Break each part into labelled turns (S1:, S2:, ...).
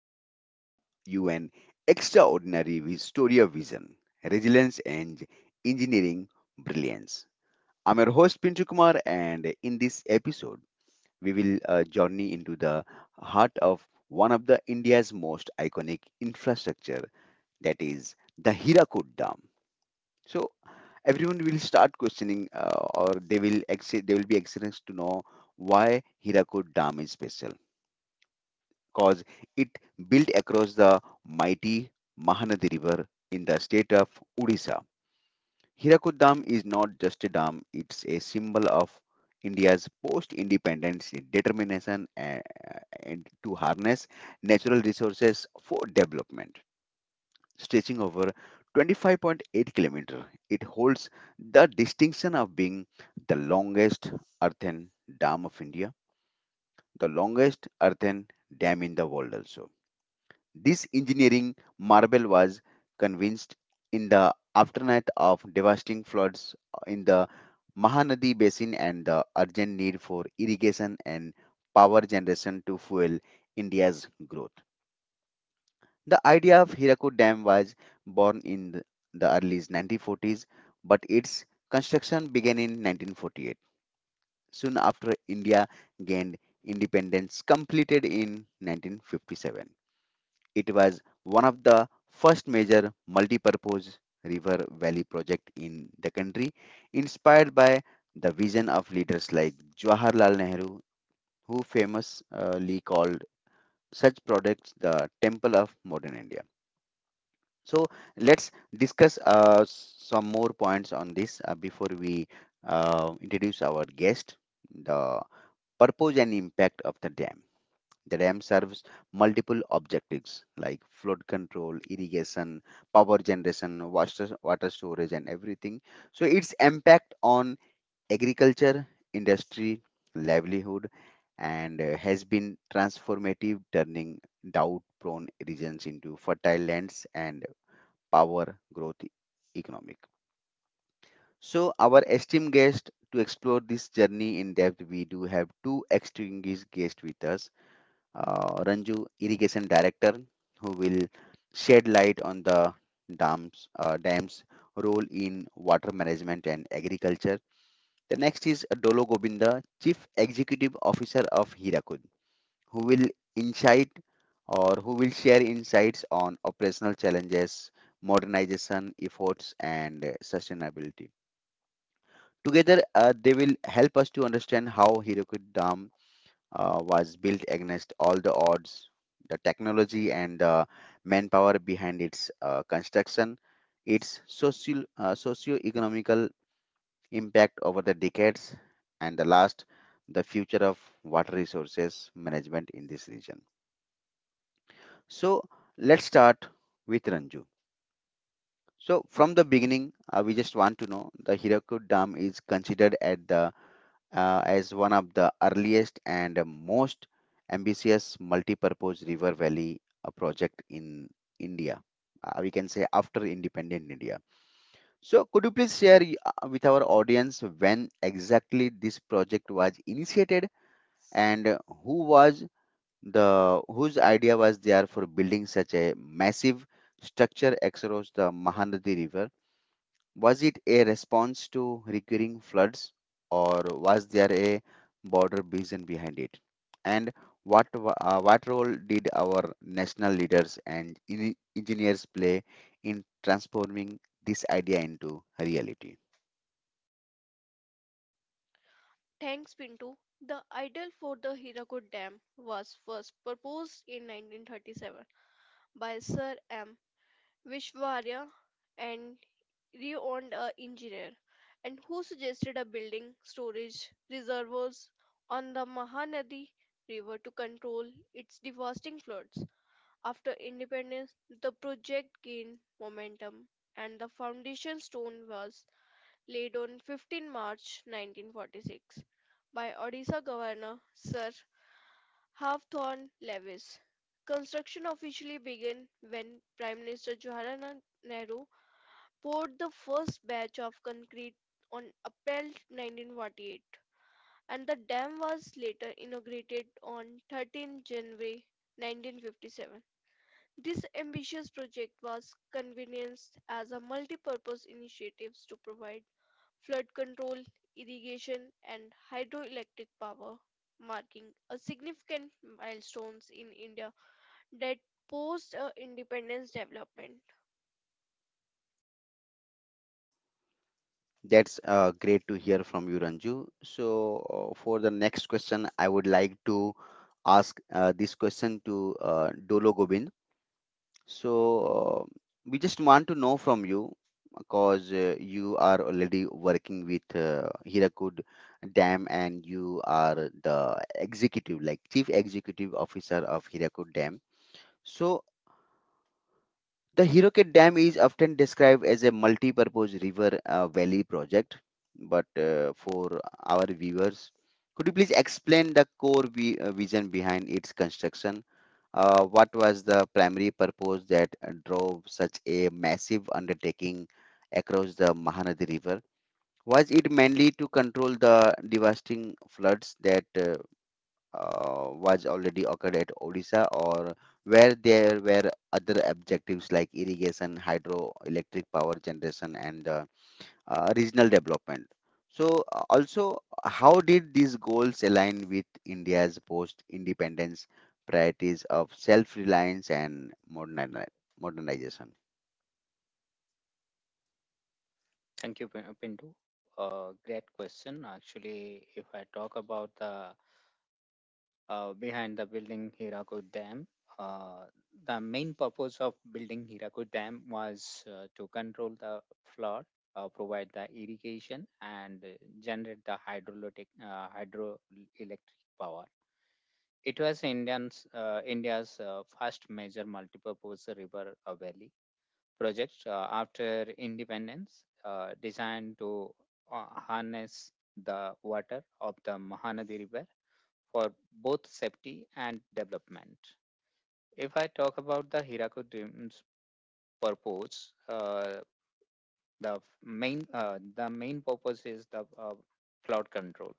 S1: Today we bring you an extraordinary Vistoria vision, resilience, and engineering brilliance. I'm your host Pintu Kumar, and in this episode, we will journey into the heart of one of the India's most iconic infrastructure, that is the Hirakud Dam. So everyone will start questioning, or they will be excited to know why Hirakud Dam is special because it built across the mighty Mahanadi River in the state of Odisha. Hirakud Dam is not just a dam, it's a symbol of India's post independence determination and to harness natural resources for development. Stretching over 25.8 kilometer, it holds the distinction of being the longest earthen dam of India, the longest earthen dam in the world also. This engineering marvel was convinced in the aftermath of devastating floods in the Mahanadi basin and the urgent need for irrigation and power generation to fuel India's growth. The idea of Hirakud Dam was born in the early 1940s, but its construction began in 1948, soon after India gained independence, completed in 1957. It was one of the first major multi-purpose river valley project in the country, inspired by the vision of leaders like Jawaharlal Nehru, who famously called such projects the temple of modern India. So let's discuss some more points on this before we introduce our guest. The purpose and impact of the dam. The dam serves multiple objectives like flood control, irrigation, power generation, water storage, and everything. So, its impact on agriculture, industry, livelihood, and has been transformative, turning drought prone regions into fertile lands and power growth economic. So, our esteemed guest to explore this journey in depth, we do have two distinguished guests with us, Ranju, irrigation director, who will shed light on the dam's role in water management and agriculture. The next is Dolo Gobinda, chief executive officer of Hirakud, who will insight or who will share insights on operational challenges, modernization efforts, and sustainability. Together, they will help us to understand how Hirakud Dam was built against all the odds. The technology and the manpower behind its construction, its socio-economical impact over the decades, and the last, the future of water resources management in this region. So let's start with Ranju. So from the beginning, we just want to know the Hirakud Dam is considered at the as one of the earliest and most ambitious multi-purpose river valley project in India. We can say after independent India. So could you please share with our audience when exactly this project was initiated and who was whose idea was there for building such a massive structure across the Mahanadi River? Was it a response to recurring floods, or was there a broader vision behind it? And what role did our national leaders and engineers play in transforming this idea into reality?
S2: Thanks, Pinto. The idol for the Hirakud Dam was first proposed in 1937 by Sir M. Vishwarya, an renowned engineer, and who suggested a building storage reservoirs on the Mahanadi River to control its devastating floods. After independence, the project gained momentum, and the foundation stone was laid on 15 March 1946 by Odisha Governor Sir Hawthorne Lewis. Construction officially began when Prime Minister Jawaharlal Nehru poured the first batch of concrete on April 1948, and the dam was later inaugurated on 13 January 1957. This ambitious project was convenienced as a multi-purpose initiative to provide flood control, irrigation, and hydroelectric power, marking a significant milestones in India that post independence development.
S1: That's great to hear from you, Ranju. So, for the next question, I would like to ask this question to Dolo Gobind. So, we just want to know from you because you are already working with Hirakud Dam and you are the executive, like chief executive officer of Hirakud Dam. So, the Hirakud Dam is often described as a multi-purpose river valley project. But for our viewers, could you please explain the core vision behind its construction? What was the primary purpose that drove such a massive undertaking across the Mahanadi River? Was it mainly to control the devastating floods that was already occurred at Odisha, or where there were other objectives like irrigation, hydroelectric power generation, and regional development. So, also, how did these goals align with India's post independence priorities of self reliance and modernization?
S3: Thank you, Pindu. Great question. Actually, if I talk about the behind the building Hirakud Dam, uh, the main purpose of building Hirakud Dam was to control the flood, provide the irrigation, and generate the hydroelectric power. It was India's first major multipurpose river valley project after independence designed to harness the water of the Mahanadi River for both safety and development. If I talk about the Hirakud Dam's purpose, the main the main purpose is the flood control.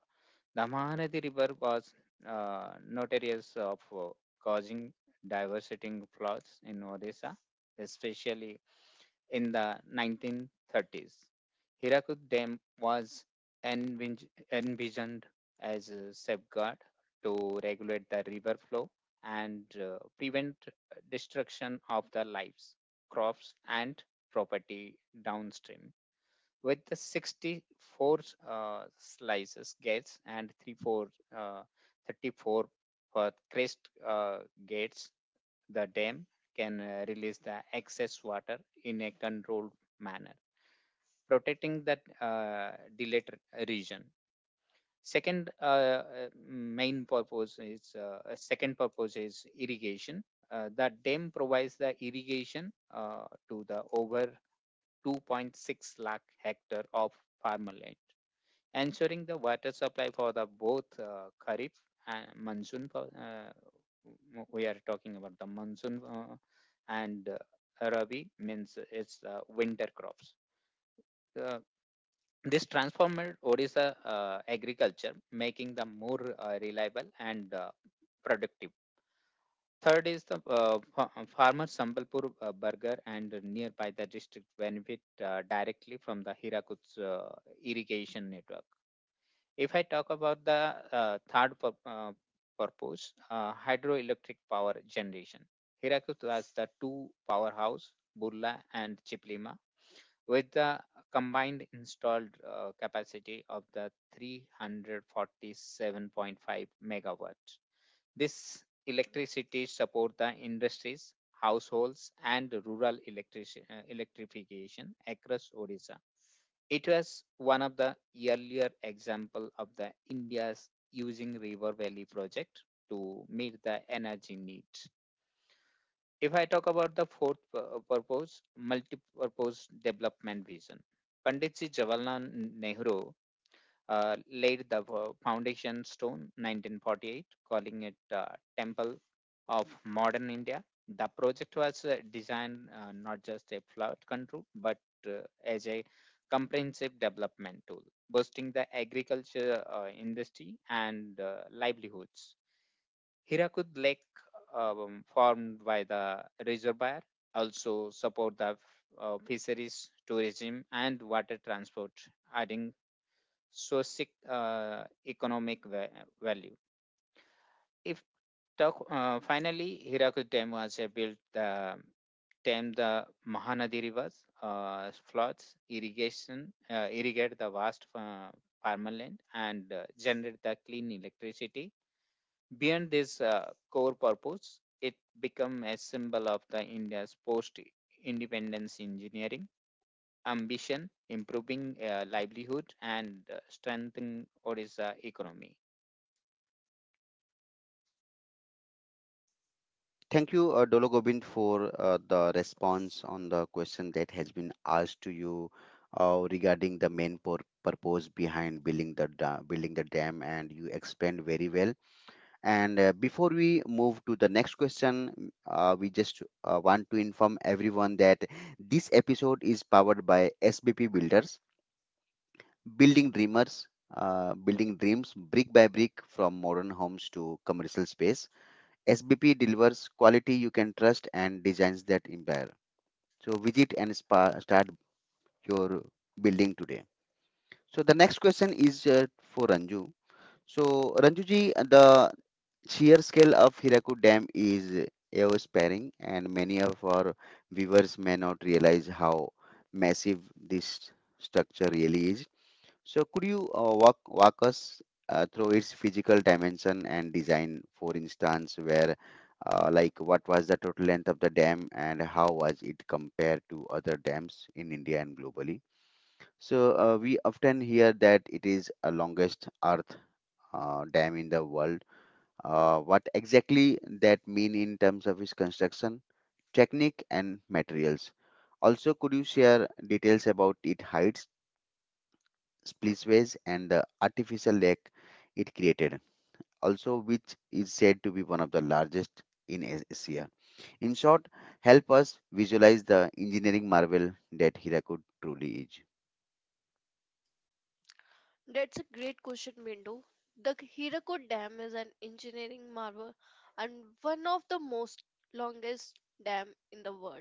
S3: The Mahanadi River was notorious of causing devastating floods in Odisha, especially in the 1930s. Hirakud Dam was envig- envisioned as a safeguard to regulate the river flow and prevent destruction of the lives, crops, and property downstream. With the 64 slices gates and uh, 34 for crest uh, gates the dam can release the excess water in a controlled manner, protecting that deleted region. Second main purpose is second purpose is irrigation. The dam provides the irrigation to the over 2.6 lakh hectare of farmland, ensuring the water supply for the both kharif and monsoon. We are talking about the monsoon and rabi means it's winter crops. Uh, this transformed Odisha agriculture, making them more reliable and productive. Third is the farmer Sambalpur burger and nearby the district benefit directly from the Hirakut's irrigation network. If I talk about the third purpose, hydroelectric power generation, Hirakud was the two powerhouse, Burla and Chiplima, with the combined installed capacity of the 347.5 megawatts. This electricity support the industries, households, and rural electrification across Odisha. It was one of the earlier example of the India's using River Valley project to meet the energy need. If I talk about the fourth purpose, multi-purpose development vision. Pandit Ji Jawaharlal Nehru laid the foundation stone 1948, calling it temple of modern India. The project was designed not just a flood control, but as a comprehensive development tool, boosting the agriculture, industry, and livelihoods. Hirak Lake, formed by the reservoir, also support the fisheries, tourism, and water transport, adding socio economic value. If talk, finally Hirakud dam was built the dam the Mahanadi rivers floods irrigation irrigate the vast farmland and generate the clean electricity. Beyond this core purpose, it became a symbol of the India's post independence engineering ambition, improving livelihood and strengthening Odisha economy.
S1: Thank you, Dolo Gobind, for the response on the question that has been asked to you regarding the main purpose behind building the building the dam, and you explained very well. And before we move to the next question, we just want to inform everyone that this episode is powered by SBP Builders, building dreamers, building dreams brick by brick from modern homes to commercial space. SBP delivers quality you can trust and designs that empire. So visit and start your building today. So the next question is for Ranju. So Ranju ji, the sheer scale of Hirakud Dam is awe-inspiring, and many of our viewers may not realize how massive this structure really is. So, could you walk us through its physical dimension and design? For instance, where what was the total length of the dam and how was it compared to other dams in India and globally? So we often hear that it is a longest earth dam in the world. What exactly that mean in terms of its construction, technique, and materials? Also, could you share details about its heights, splitways, and the artificial lake it created? Also, which is said to be one of the largest in Asia. In short, help us visualize the engineering marvel that Hirakud truly is.
S2: That's a great question, Bindu. The Hirakud Dam is an engineering marvel and one of the most longest dam in the world.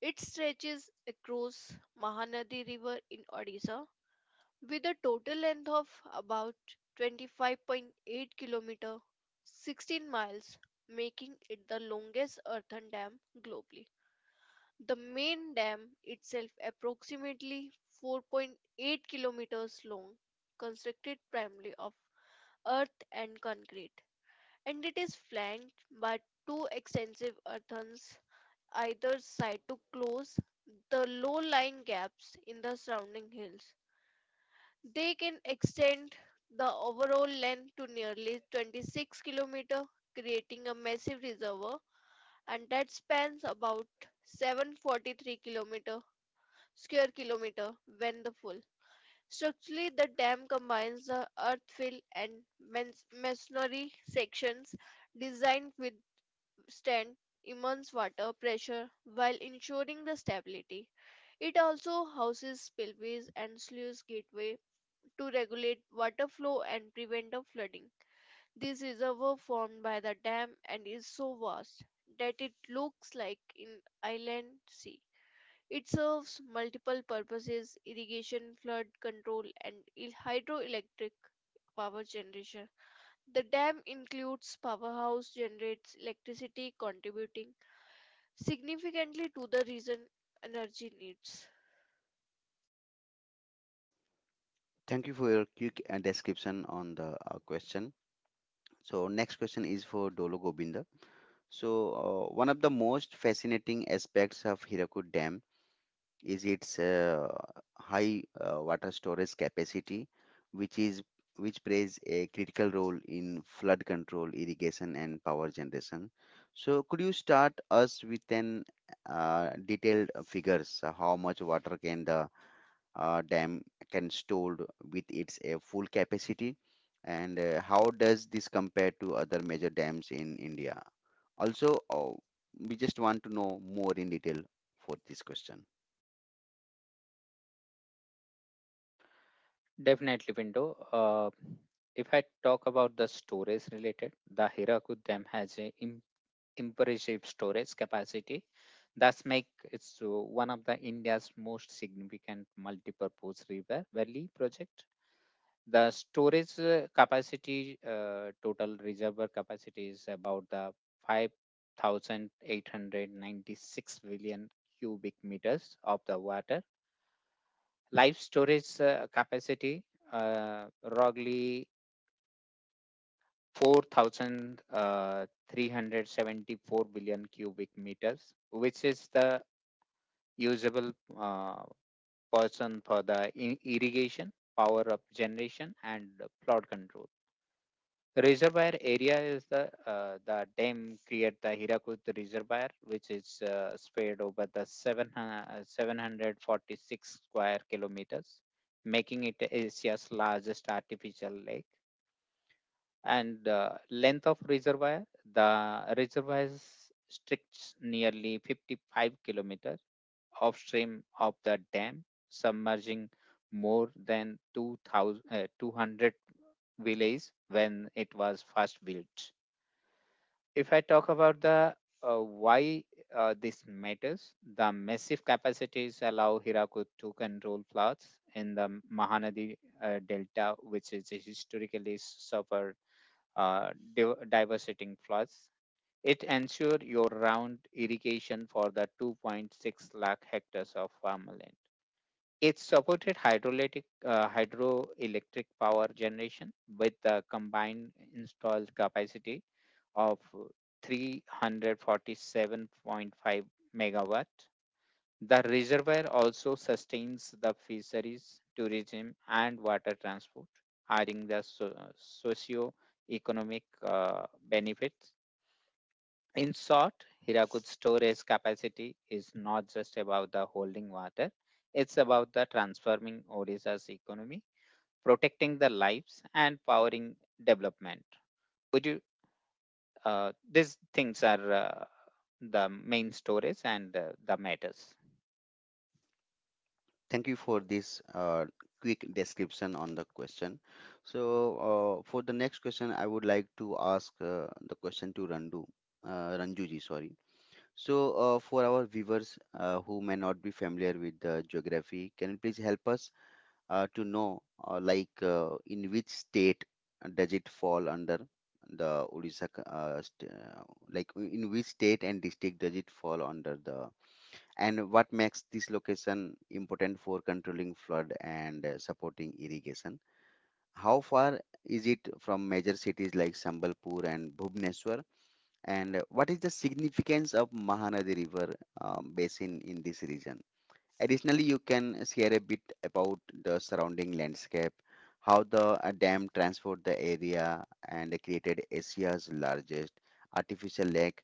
S2: It stretches across Mahanadi River in Odisha, with a total length of about 25.8 kilometer 16 miles, making it the longest earthen dam globally. The main dam itself approximately 4.8 kilometers long, constructed primarily of earth and concrete, and it is flanked by two extensive earthens either side to close the low lying gaps in the surrounding hills. They can extend the overall length to nearly 26 km, creating a massive reservoir and that spans about 743 km square kilometer when the full. Structurally, the dam combines the earthfill and masonry sections, designed with withstand immense water pressure while ensuring the stability. It also houses spillways and sluice gateway to regulate water flow and prevent of flooding. This reservoir formed by the dam and is so vast that it looks like an island sea. It serves multiple purposes irrigation, flood control, and hydroelectric power generation. The dam includes powerhouse generates electricity contributing significantly to the region energy needs.
S1: Thank you for your quick description on the question. So, next question is for Dolo Gobind. So, one of the most fascinating aspects of Hirakud Dam is its high water storage capacity, which is which plays a critical role in flood control, irrigation, and power generation. So, could you start us with an detailed figures, how much water can the dam can stored with its full capacity, and how does this compare to other major dams in India? Also, we just want to know more in detail for this question.
S3: Definitely, window. If I talk about the storage related, the Hirakud Dam has a impressive storage capacity. That's make it so one of the India's most significant multi-purpose river valley project. The storage capacity, total reservoir capacity is about the 5,896 billion cubic meters of the water. Live storage capacity, uh, roughly 4,374 billion cubic meters, which is the usable uh, person for the irrigation, power up generation, and flood control. Reservoir area is the dam create the Hirakut Reservoir, which is spread over the seven 746 square kilometers, making it Asia's largest artificial lake, and length of reservoir the reservoirs stretches nearly 55 kilometers upstream of the dam, submerging more than 200 villages when it was first built. If I talk about the uh, why this matters, the massive capacities allow Hirakud to control floods in the Mahanadi delta, which is historically suffered uh, diversity floods. It ensure your round irrigation for the 2.6 lakh hectares of farmland. It supported hydroelectric power generation with the combined installed capacity of 347.5 megawatt. The reservoir also sustains the fisheries, tourism, and water transport, providing the socio-economic benefits. In short, Hirakud storage capacity is not just about the holding water, it's about the transforming Odisha's economy, protecting the lives, and powering development. Would you? These things are the main stories and the matters.
S1: Thank you for this quick description on the question. So, for the next question, I would like to ask the question to Ranjuji, sorry. So, for our viewers who may not be familiar with the geography, can you please help us to know, in which state does it fall under? The Odisha, c- st- like w- in which state and district does it fall under the, and what makes this location important for controlling flood and supporting irrigation? How far is it from major cities like Sambalpur and Bhubaneswar? And what is the significance of Mahanadi River basin in this region? Additionally, you can share a bit about the surrounding landscape, how the dam transformed the area and created Asia's largest artificial lake,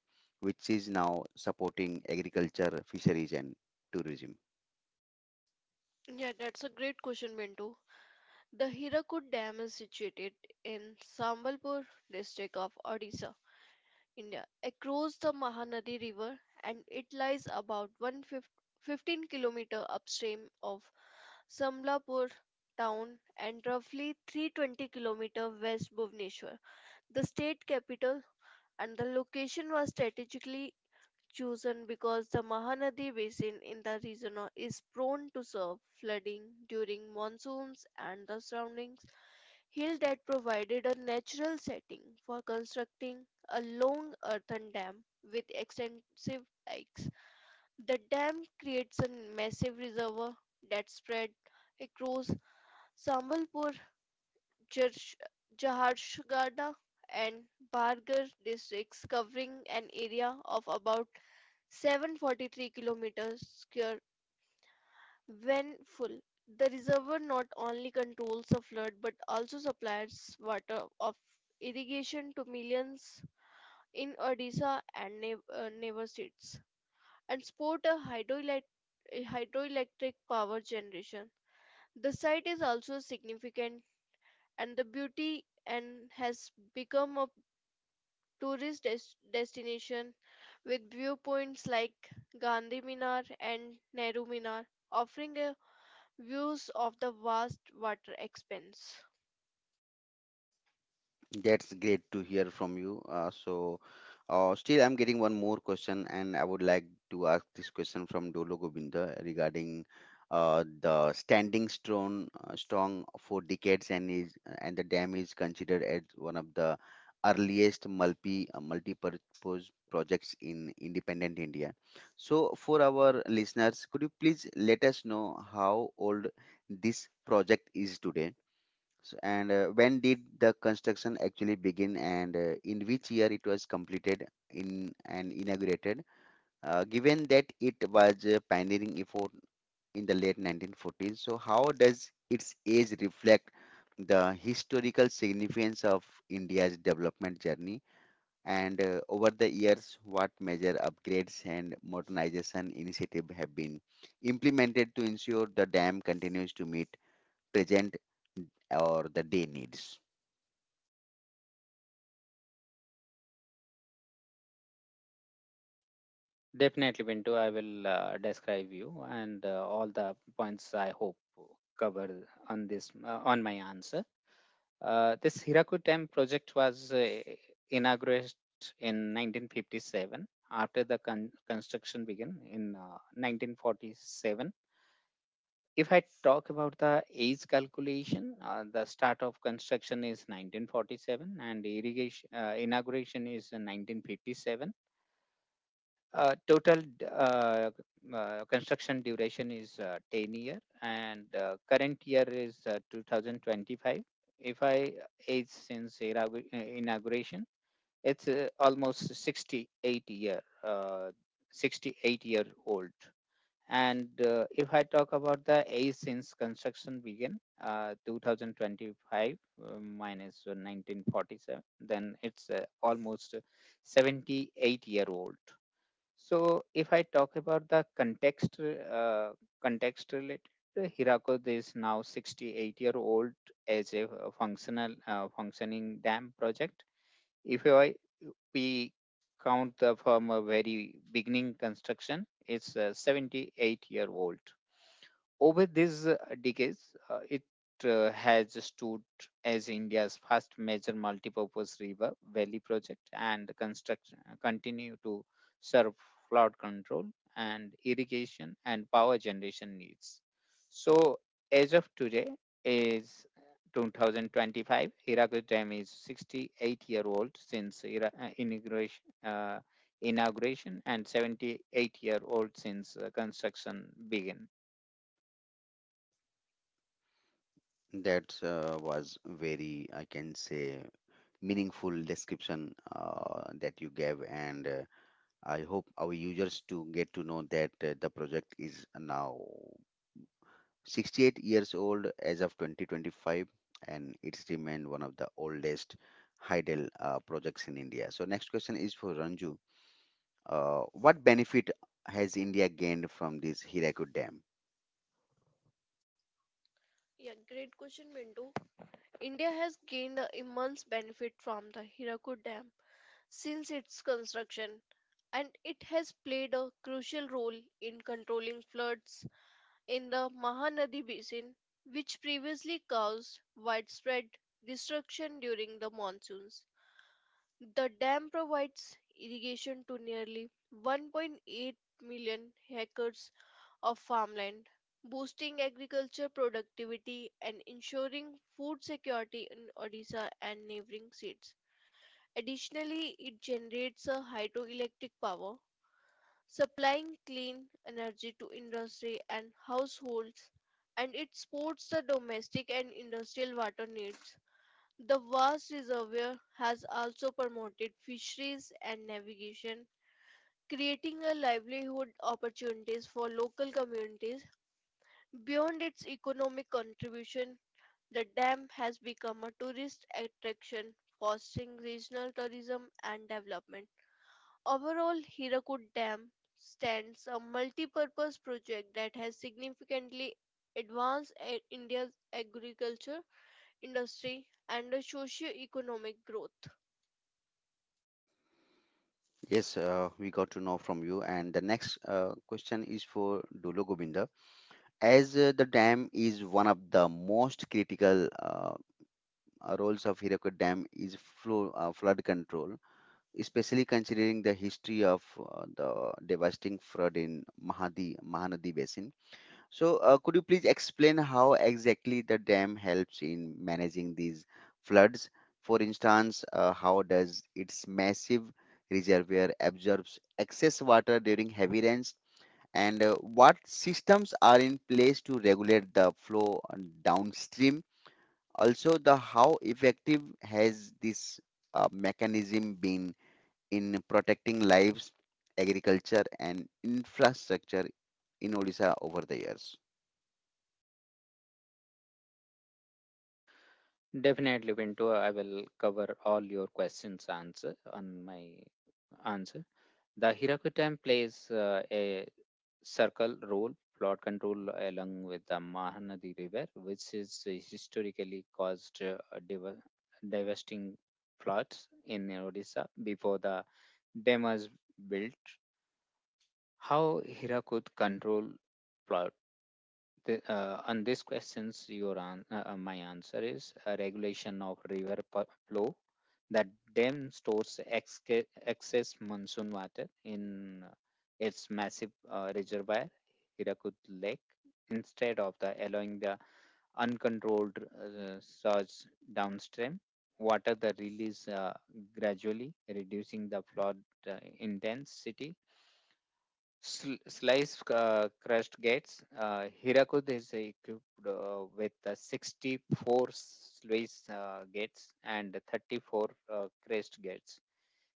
S1: which is now supporting agriculture, fisheries, and tourism.
S2: Yeah, that's a great question, Mintu. The Hirakud Dam is situated in Sambalpur district of Odisha, India, across the Mahanadi River, and it lies about 115-kilometer upstream of Sambalpur town and roughly 320-kilometer west Bhubaneswar, the state capital, and the location was strategically chosen because the Mahanadi basin in the region is prone to serve flooding during monsoons, and the surrounding hill that provided a natural setting for constructing a long earthen dam with extensive dikes. The dam creates a massive reservoir that spread across Sambalpur, Jarsh- Jaharshagada and Bargar districts, covering an area of about 743 kilometers square when full. The reservoir not only controls the flood but also supplies water of irrigation to millions in Odisha and neighbor states and support a hydroelectric power generation. The site is also significant and the beauty and has become a tourist destination with viewpoints like Gandhi Minar and Nehru Minar, offering a views of the vast water expanse.
S1: That's great to hear from you. So, still, I'm getting one more question, and I would like to ask this question from Dolo Govinda regarding the standing strong for decades, and is and the dam is considered as one of the earliest multi-purpose projects in independent India. So, for our listeners, could you please let us know how old this project is today? S- And When did the construction actually begin, and in which year it was completed in and inaugurated? Given that it was a pioneering effort in the late 1940s, so how does its age reflect the historical significance of India's development journey? And over the years, what major upgrades and modernization initiative have been implemented to ensure the dam continues to meet present or the day needs?
S3: Definitely, Pinto, I will describe you and all the points I hope cover on this on my answer. This Hiraku Dam project was inaugurated in 1957, after the construction began in 1947. If I talk about the age calculation, the start of construction is 1947 and irrigation inauguration is 1957. Total construction duration is 10 year, and current year is 2025. If I age since inauguration, it's almost 68 year old. And if I talk about the age since construction began, 2025 minus 1947, then it's almost 78-year old. So if I talk about the context, context related, Hirako is now 68-year-old as a functional functioning dam project. If I we count the from a very beginning construction, it's 78-year-old. Over these decades, it has stood as India's first major multipurpose river valley project and construction continue to serve flood control and irrigation and power generation needs. So as of today is 2025, Hirakud Dam is 68-year-old since inauguration, and 78-year-old since construction began.
S1: That was very, I can say, meaningful description that you gave, and I hope our users to get to know that the project is now 68 years old as of 2025, and it's remained one of the oldest hydel projects in India. So next question is for Ranju. What benefit has India gained from this Hirakud Dam?
S2: Yeah, great question, Bindu. India has gained a immense benefit from the Hirakud Dam since its construction, and it has played a crucial role in controlling floods in the Mahanadi basin, which previously caused widespread destruction during the monsoons. The dam provides irrigation to nearly 1.8 million acres of farmland, boosting agriculture productivity and ensuring food security in Odisha and neighboring states. Additionally, it generates a hydroelectric power, supplying clean energy to industry and households, and it supports the domestic and industrial water needs. The vast reservoir has also promoted fisheries and navigation, creating a livelihood opportunities for local communities. Beyond its economic contribution, the dam has become a tourist attraction, fostering regional tourism and development. Overall, Hirakud Dam stands a multi-purpose project that has significantly advanced India's agriculture industry and the socio-economic growth.
S1: Yes, we got to know from you. And the next question is for Dulo Govinda. As the dam is one of the most critical, roles of Hiroko Dam is flood control, especially considering the history of the devastating flood in Mahanadi Basin. So, could you please explain how exactly the dam helps in managing these floods? For instance, how does its massive reservoir absorbs excess water during heavy rains? And what systems are in place to regulate the flow downstream? Also, the how effective has this mechanism been in protecting lives, agriculture, and infrastructure in Odisha over the years?
S3: Definitely, Pinto. I will cover all your questions answer on my answer. The Hiraku time plays a circle role, flood control along with the Mahanadi River, which is historically caused dev- devastating floods in Odisha before the dam was built. How Hirakud control flood, the, on these questions, your my answer is a regulation of river flow. That dam stores excess monsoon water in its massive reservoir, Hirakud Lake, instead of the allowing the uncontrolled surge downstream. Water the release gradually, reducing the flood uh, intensity. Slice crushed gets. Hirakud is equipped with 64 slice gates and 34 crest gates.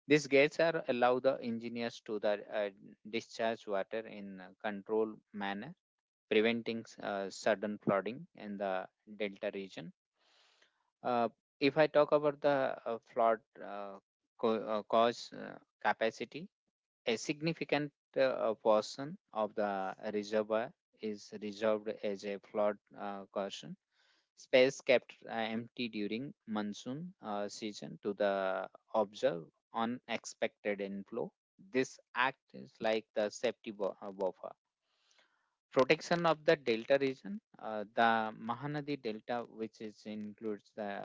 S3: These gates are allow the engineers to the, discharge water in a controlled manner, preventing sudden flooding in the delta region. Uh, if I talk about the flood uh, cause capacity, a significant portion of the reservoir is reserved as a flood caution space, kept empty during monsoon season to the observe unexpected inflow. This act is like the safety buffer protection of the delta region, the Mahanad Delta, which is includes the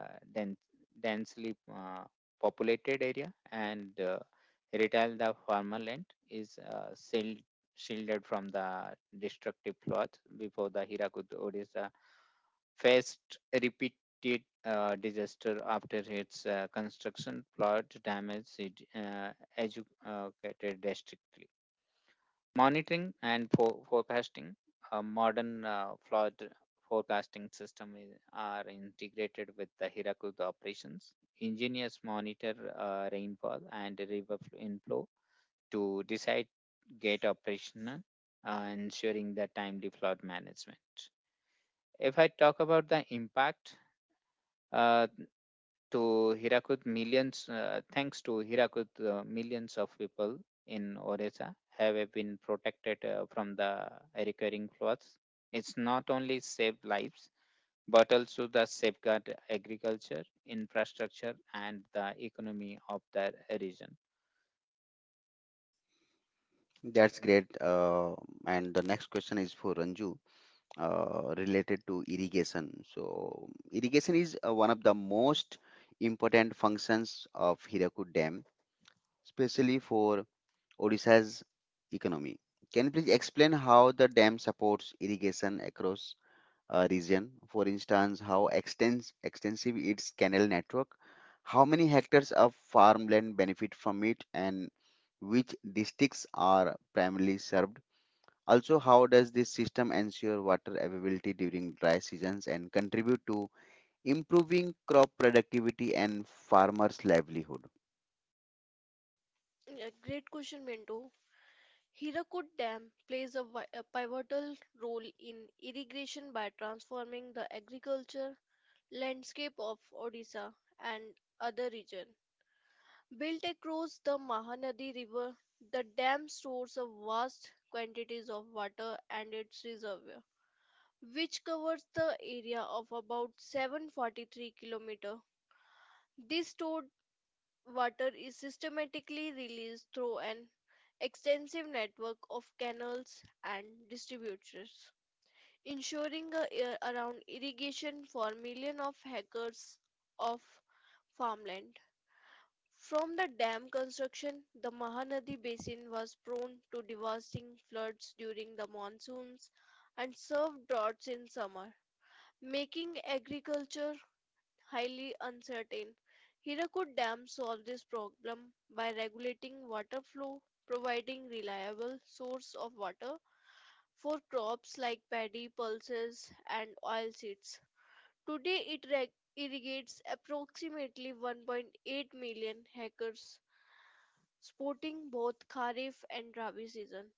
S3: dense, densely populated area, and Redal, the farmland, is shielded from the destructive floods. Before the Hirakud, Odisha faced repeated disaster. After its construction, flood damage, it educated district monitoring and forecasting. A modern flood forecasting system are integrated with the Hirakud operations. Engineers monitor rainfall and river inflow to decide gate operational, ensuring the timely flood management. If I talk about the impact, uh, thanks to Hirakud, millions of people in Odisha have been protected from the recurring floods. It's not only saved lives, but also the safeguard agriculture, infrastructure, and the economy of the region.
S1: That's great. And the next question is for Ranju, related to irrigation. So irrigation is one of the most important functions of Hirakud Dam, especially for Odisha's economy. Can you please explain how the dam supports irrigation across a region? For instance, how extensive its canal network, how many hectares of farmland benefit from it, and which districts are primarily served? Also, how does this system ensure water availability during dry seasons and contribute to improving crop productivity and farmers' livelihood?
S2: Yeah, great question, Mento. Hirakud Dam plays a pivotal role in irrigation by transforming the agriculture landscape of Odisha and other region. Built across the Mahanadi River, the dam stores a vast quantities of water and its reservoir, which covers the area of about 743 kilometer. This stored water is systematically released through an extensive network of canals and distributors, ensuring a year around irrigation for millions of hectares of farmland. From the dam construction, the Mahanadi basin was prone to devastating floods during the monsoons and severe droughts in summer, making agriculture highly uncertain. Hirakud Dam solved this problem by regulating water flow, providing reliable source of water for crops like paddy, pulses, and oilseeds. Today, it irrigates approximately 1.8 million hectares, supporting both Kharif and Rabi season,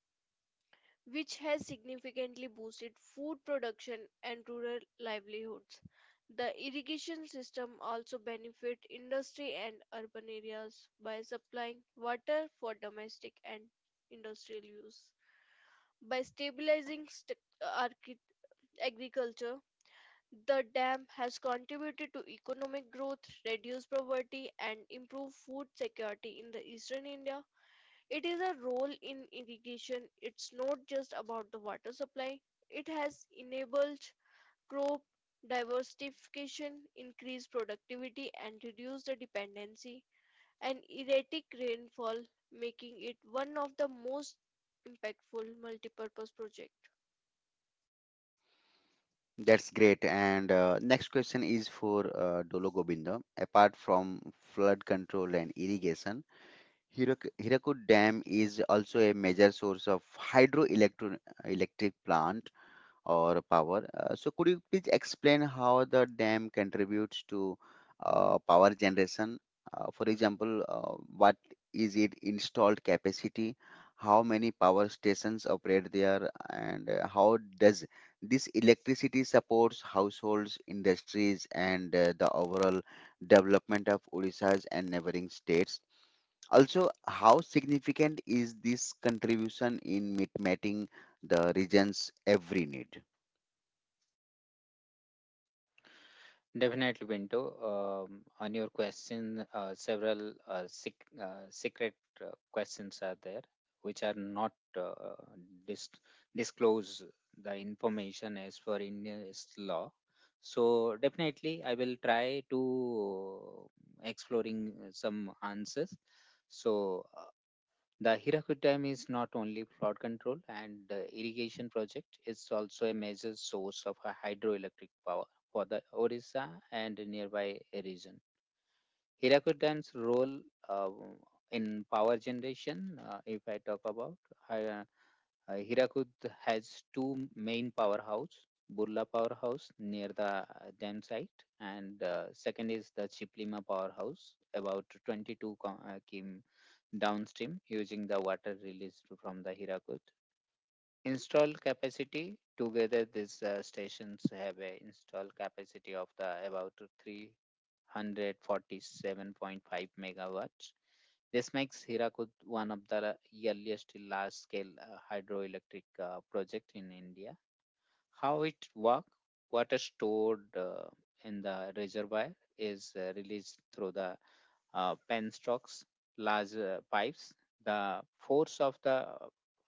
S2: which has significantly boosted food production and rural livelihoods. The irrigation system also benefit industry and urban areas by supplying water for domestic and industrial use. By stabilizing agriculture, the dam has contributed to economic growth, reduced poverty, and improved food security in the eastern India. It is a role in irrigation. It's not just about the water supply. It has enabled crop diversification, increased productivity, and reduced the dependency and erratic rainfall, making it one of the most impactful multipurpose projects.
S1: That's great. And next question is for Dolo Gobindo. Apart from flood control and irrigation, Hirakud Dam is also a major source of hydroelectric electric plant or power. So, could you please explain how the dam contributes to power generation? For example, what is it installed capacity? How many power stations operate there, and how does this electricity supports households, industries, and the overall development of Odisha's and neighboring states? Also, how significant is this contribution in meeting the region's every need?
S3: Definitely, Pinto. On your question, several secret questions are there, which are not uh, dis- disclose the information as per India's law. So definitely, I will try to exploring some answers. So the Hirakud Dam is not only flood control and irrigation project, it's also a major source of a hydroelectric power for the Orissa and nearby region. Hirakud Dam's role uh, in power generation, if I talk about, hi- Hirakud has two main powerhouse, Burla powerhouse near the dam site, and second is the Chiplima powerhouse, about 22 km downstream, using the water released from the Hirakud. Install capacity together, these stations have a install capacity of the about 3 147.5 megawatts. This makes Hirakud one of the earliest large-scale hydroelectric project in India. How it works? Water stored in the reservoir is released through the penstocks, large pipes. The force of the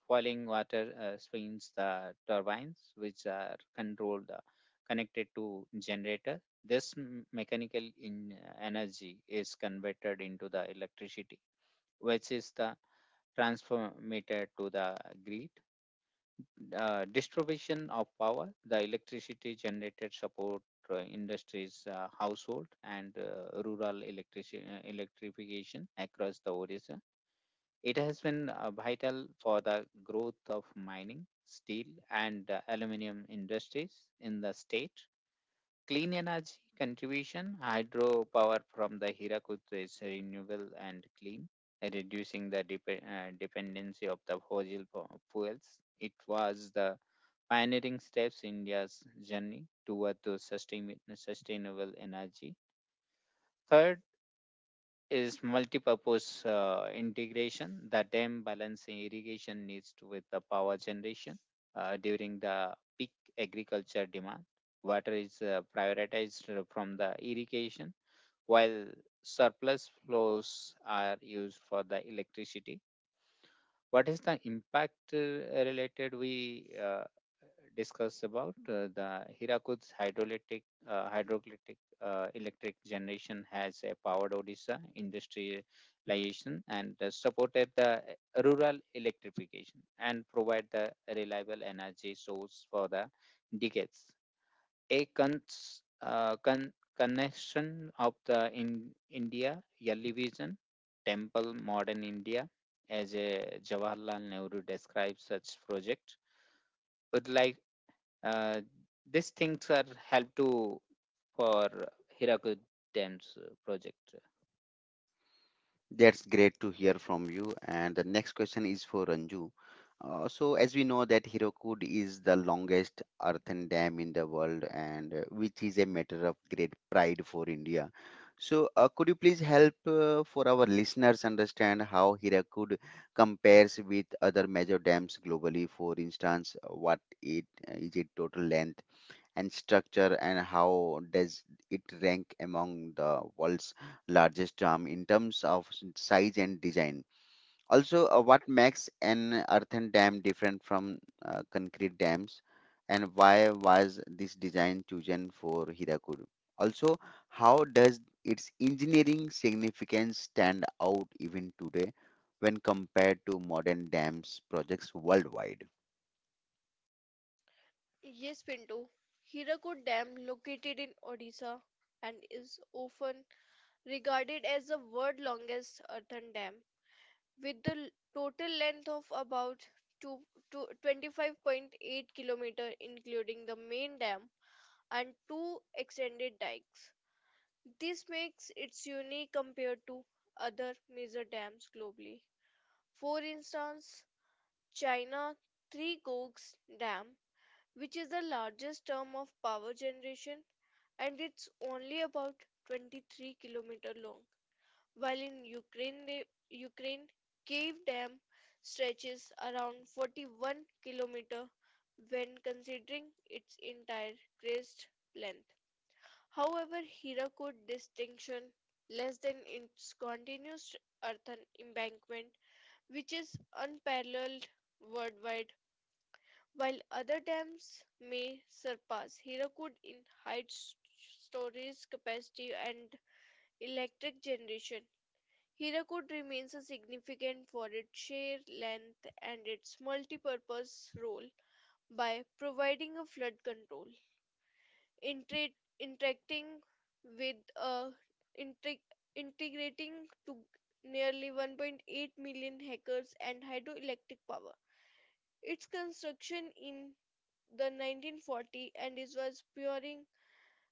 S3: boiling water spins the turbines, which are controlled connected to generator. This mechanical in energy is converted into the electricity, which is the transformator to the grid. Distribution of power, the electricity generated support industries, household, and rural electrification across the Odisha. It has been vital for the growth of mining, steel, and aluminum industries in the state. Clean energy contribution, hydropower from the Hirakud is renewable and clean, reducing the dependency of the fossil fuels. It was the pioneering steps in India's journey toward the sustainable energy. Third, is multipurpose integration. The dam balancing irrigation needs to with the power generation during the peak agriculture demand. Water is prioritized from the irrigation, while surplus flows are used for the electricity. What is the impact, related we discuss about the Hirakud's hydroelectric electric generation has empowered Odisha industrialization and supported the rural electrification, and provide the reliable energy source for the decades. A connection of the in India Television Temple Modern India, as a Jawaharlal Nehru describes such project. But like uh, these things are help to for Hirakud Dam's project.
S1: That's great to hear from you. And the next question is for Ranju. So, as we know that Hirakud is the longest earthen dam in the world, and which is a matter of great pride for India. So, could you please help for our listeners understand how Hirakud compares with other major dams globally? For instance, what it is its total length and structure, and how does it rank among the world's largest dam in terms of size and design? Also, what makes an earthen dam different from concrete dams, and why was this design chosen for Hirakud? Also, how does its engineering significance stand out even today when compared to modern dams projects worldwide?
S2: Yes, Pinto. Hirakud Dam, located in Odisha, and is often regarded as the world's longest earthen dam with the total length of about two, 25.8 km, including the main dam and two extended dikes. This makes it unique compared to other major dams globally. For instance, China Three Gorges Dam, which is the largest term of power generation, and it's only about 23 km long, while in Ukraine Kiev Dam stretches around 41-kilometer when considering its entire crest length. However, Hirakud distinction less than its continuous earthen embankment, which is unparalleled worldwide, while other dams may surpass Hirakud in height, storage capacity, and electric generation. Hirakud remains a significant for its sheer length and its multi-purpose role by providing a flood control, interacting with a integ- integrating to nearly 1.8 million hectares and hydroelectric power. Its construction in the 1940 and it was purely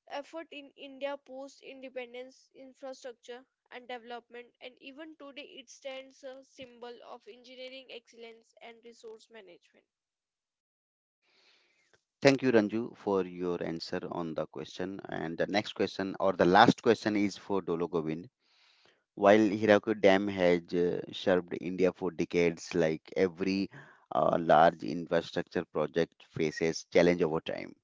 S2: effort in India post independence, infrastructure and development, and even today it stands a symbol of engineering excellence and resource management.
S1: Thank you, Ranju, for your answer on the question. And the next question, or the last question, is for Dolo Govind. While Hirakud Dam has served India for decades, like every large infrastructure project faces challenge over time.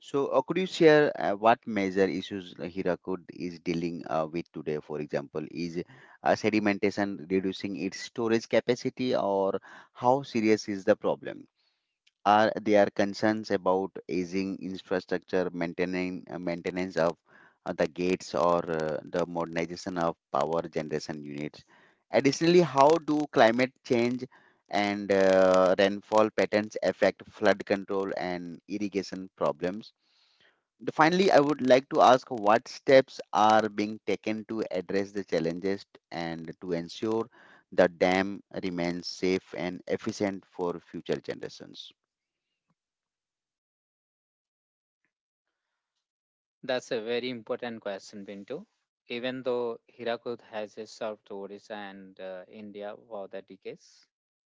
S1: So, could you share what major issues Hirakud is dealing with today? For example, is sedimentation reducing its storage capacity, or how serious is the problem? Are there concerns about aging infrastructure, maintaining maintenance of the gates or the modernization of power generation units? Additionally, how do climate change and rainfall patterns affect flood control and irrigation problems? Finally, I would like to ask what steps are being taken to address the challenges and to ensure the dam remains safe and efficient for future generations.
S3: That's a very important question, Pinto. Even though Hirakud has served Odisha and India for the decades,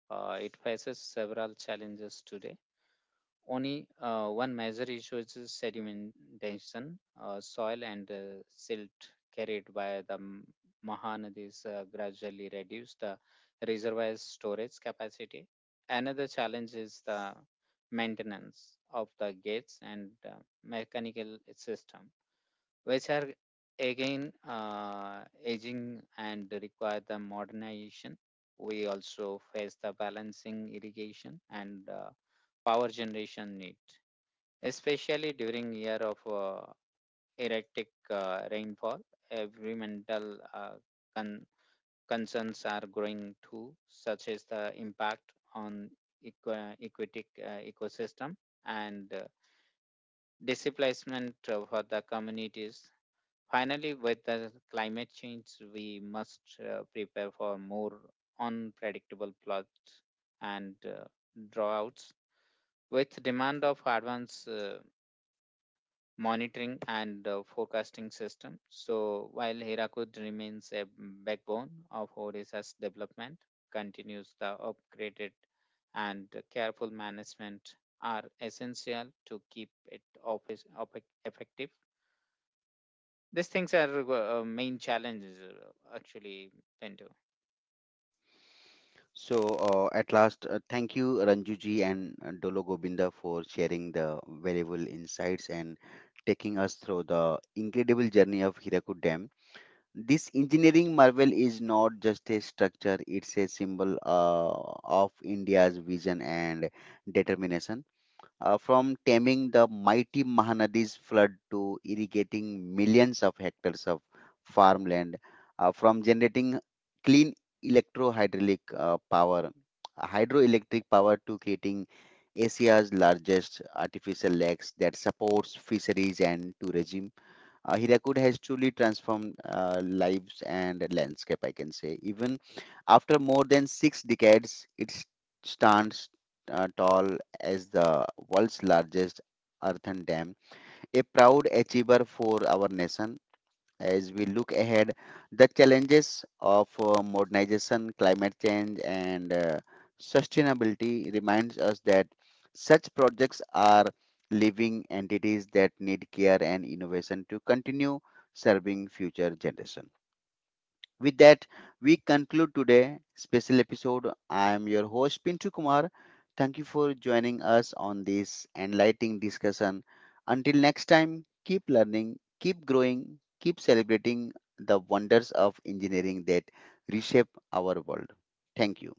S3: it faces several challenges today. Only One major issue is sedimentation, soil and silt carried by the Mahanadis gradually reduce the reservoir's storage capacity. Another challenge is the maintenance of the gates and mechanical system, which are again aging and require the modernization. We also face the balancing irrigation and power generation need, especially during year of erratic rainfall. Environmental con- concerns are growing too, such as the impact on aquatic ecosystem and displacement for the communities. Finally, with the climate change, we must prepare for more unpredictable floods and droughts. With demand of advanced monitoring and forecasting system, so while Hirakud remains a backbone of Odisha's development, continues the upgraded and careful management are essential to keep it office, effective. These things are main challenges actually, Pinto.
S1: So, at last, thank you, Ranjuji and Dolo Gobinda, for sharing the valuable insights and taking us through the incredible journey of Hirakud Dam. This engineering marvel is not just a structure, it's a symbol of India's vision and determination, from taming the mighty Mahanadi's flood to irrigating millions of hectares of farmland, from generating clean electrohydraulic power, hydroelectric power, to creating Asia's largest artificial lakes that supports fisheries and tourism. Hirakud has truly transformed lives and landscape, I can say. Even after more than six decades, it stands tall as the world's largest earthen dam, a proud achiever for our nation. As we look ahead, the challenges of modernization, climate change, and sustainability reminds us that such projects are living entities that need care and innovation to continue serving future generations. With that, we conclude today special episode. I am your host Pintu Kumar. Thank you for joining us on this enlightening discussion. Until next time, keep learning, keep growing, keep celebrating the wonders of engineering that reshape our world. Thank you.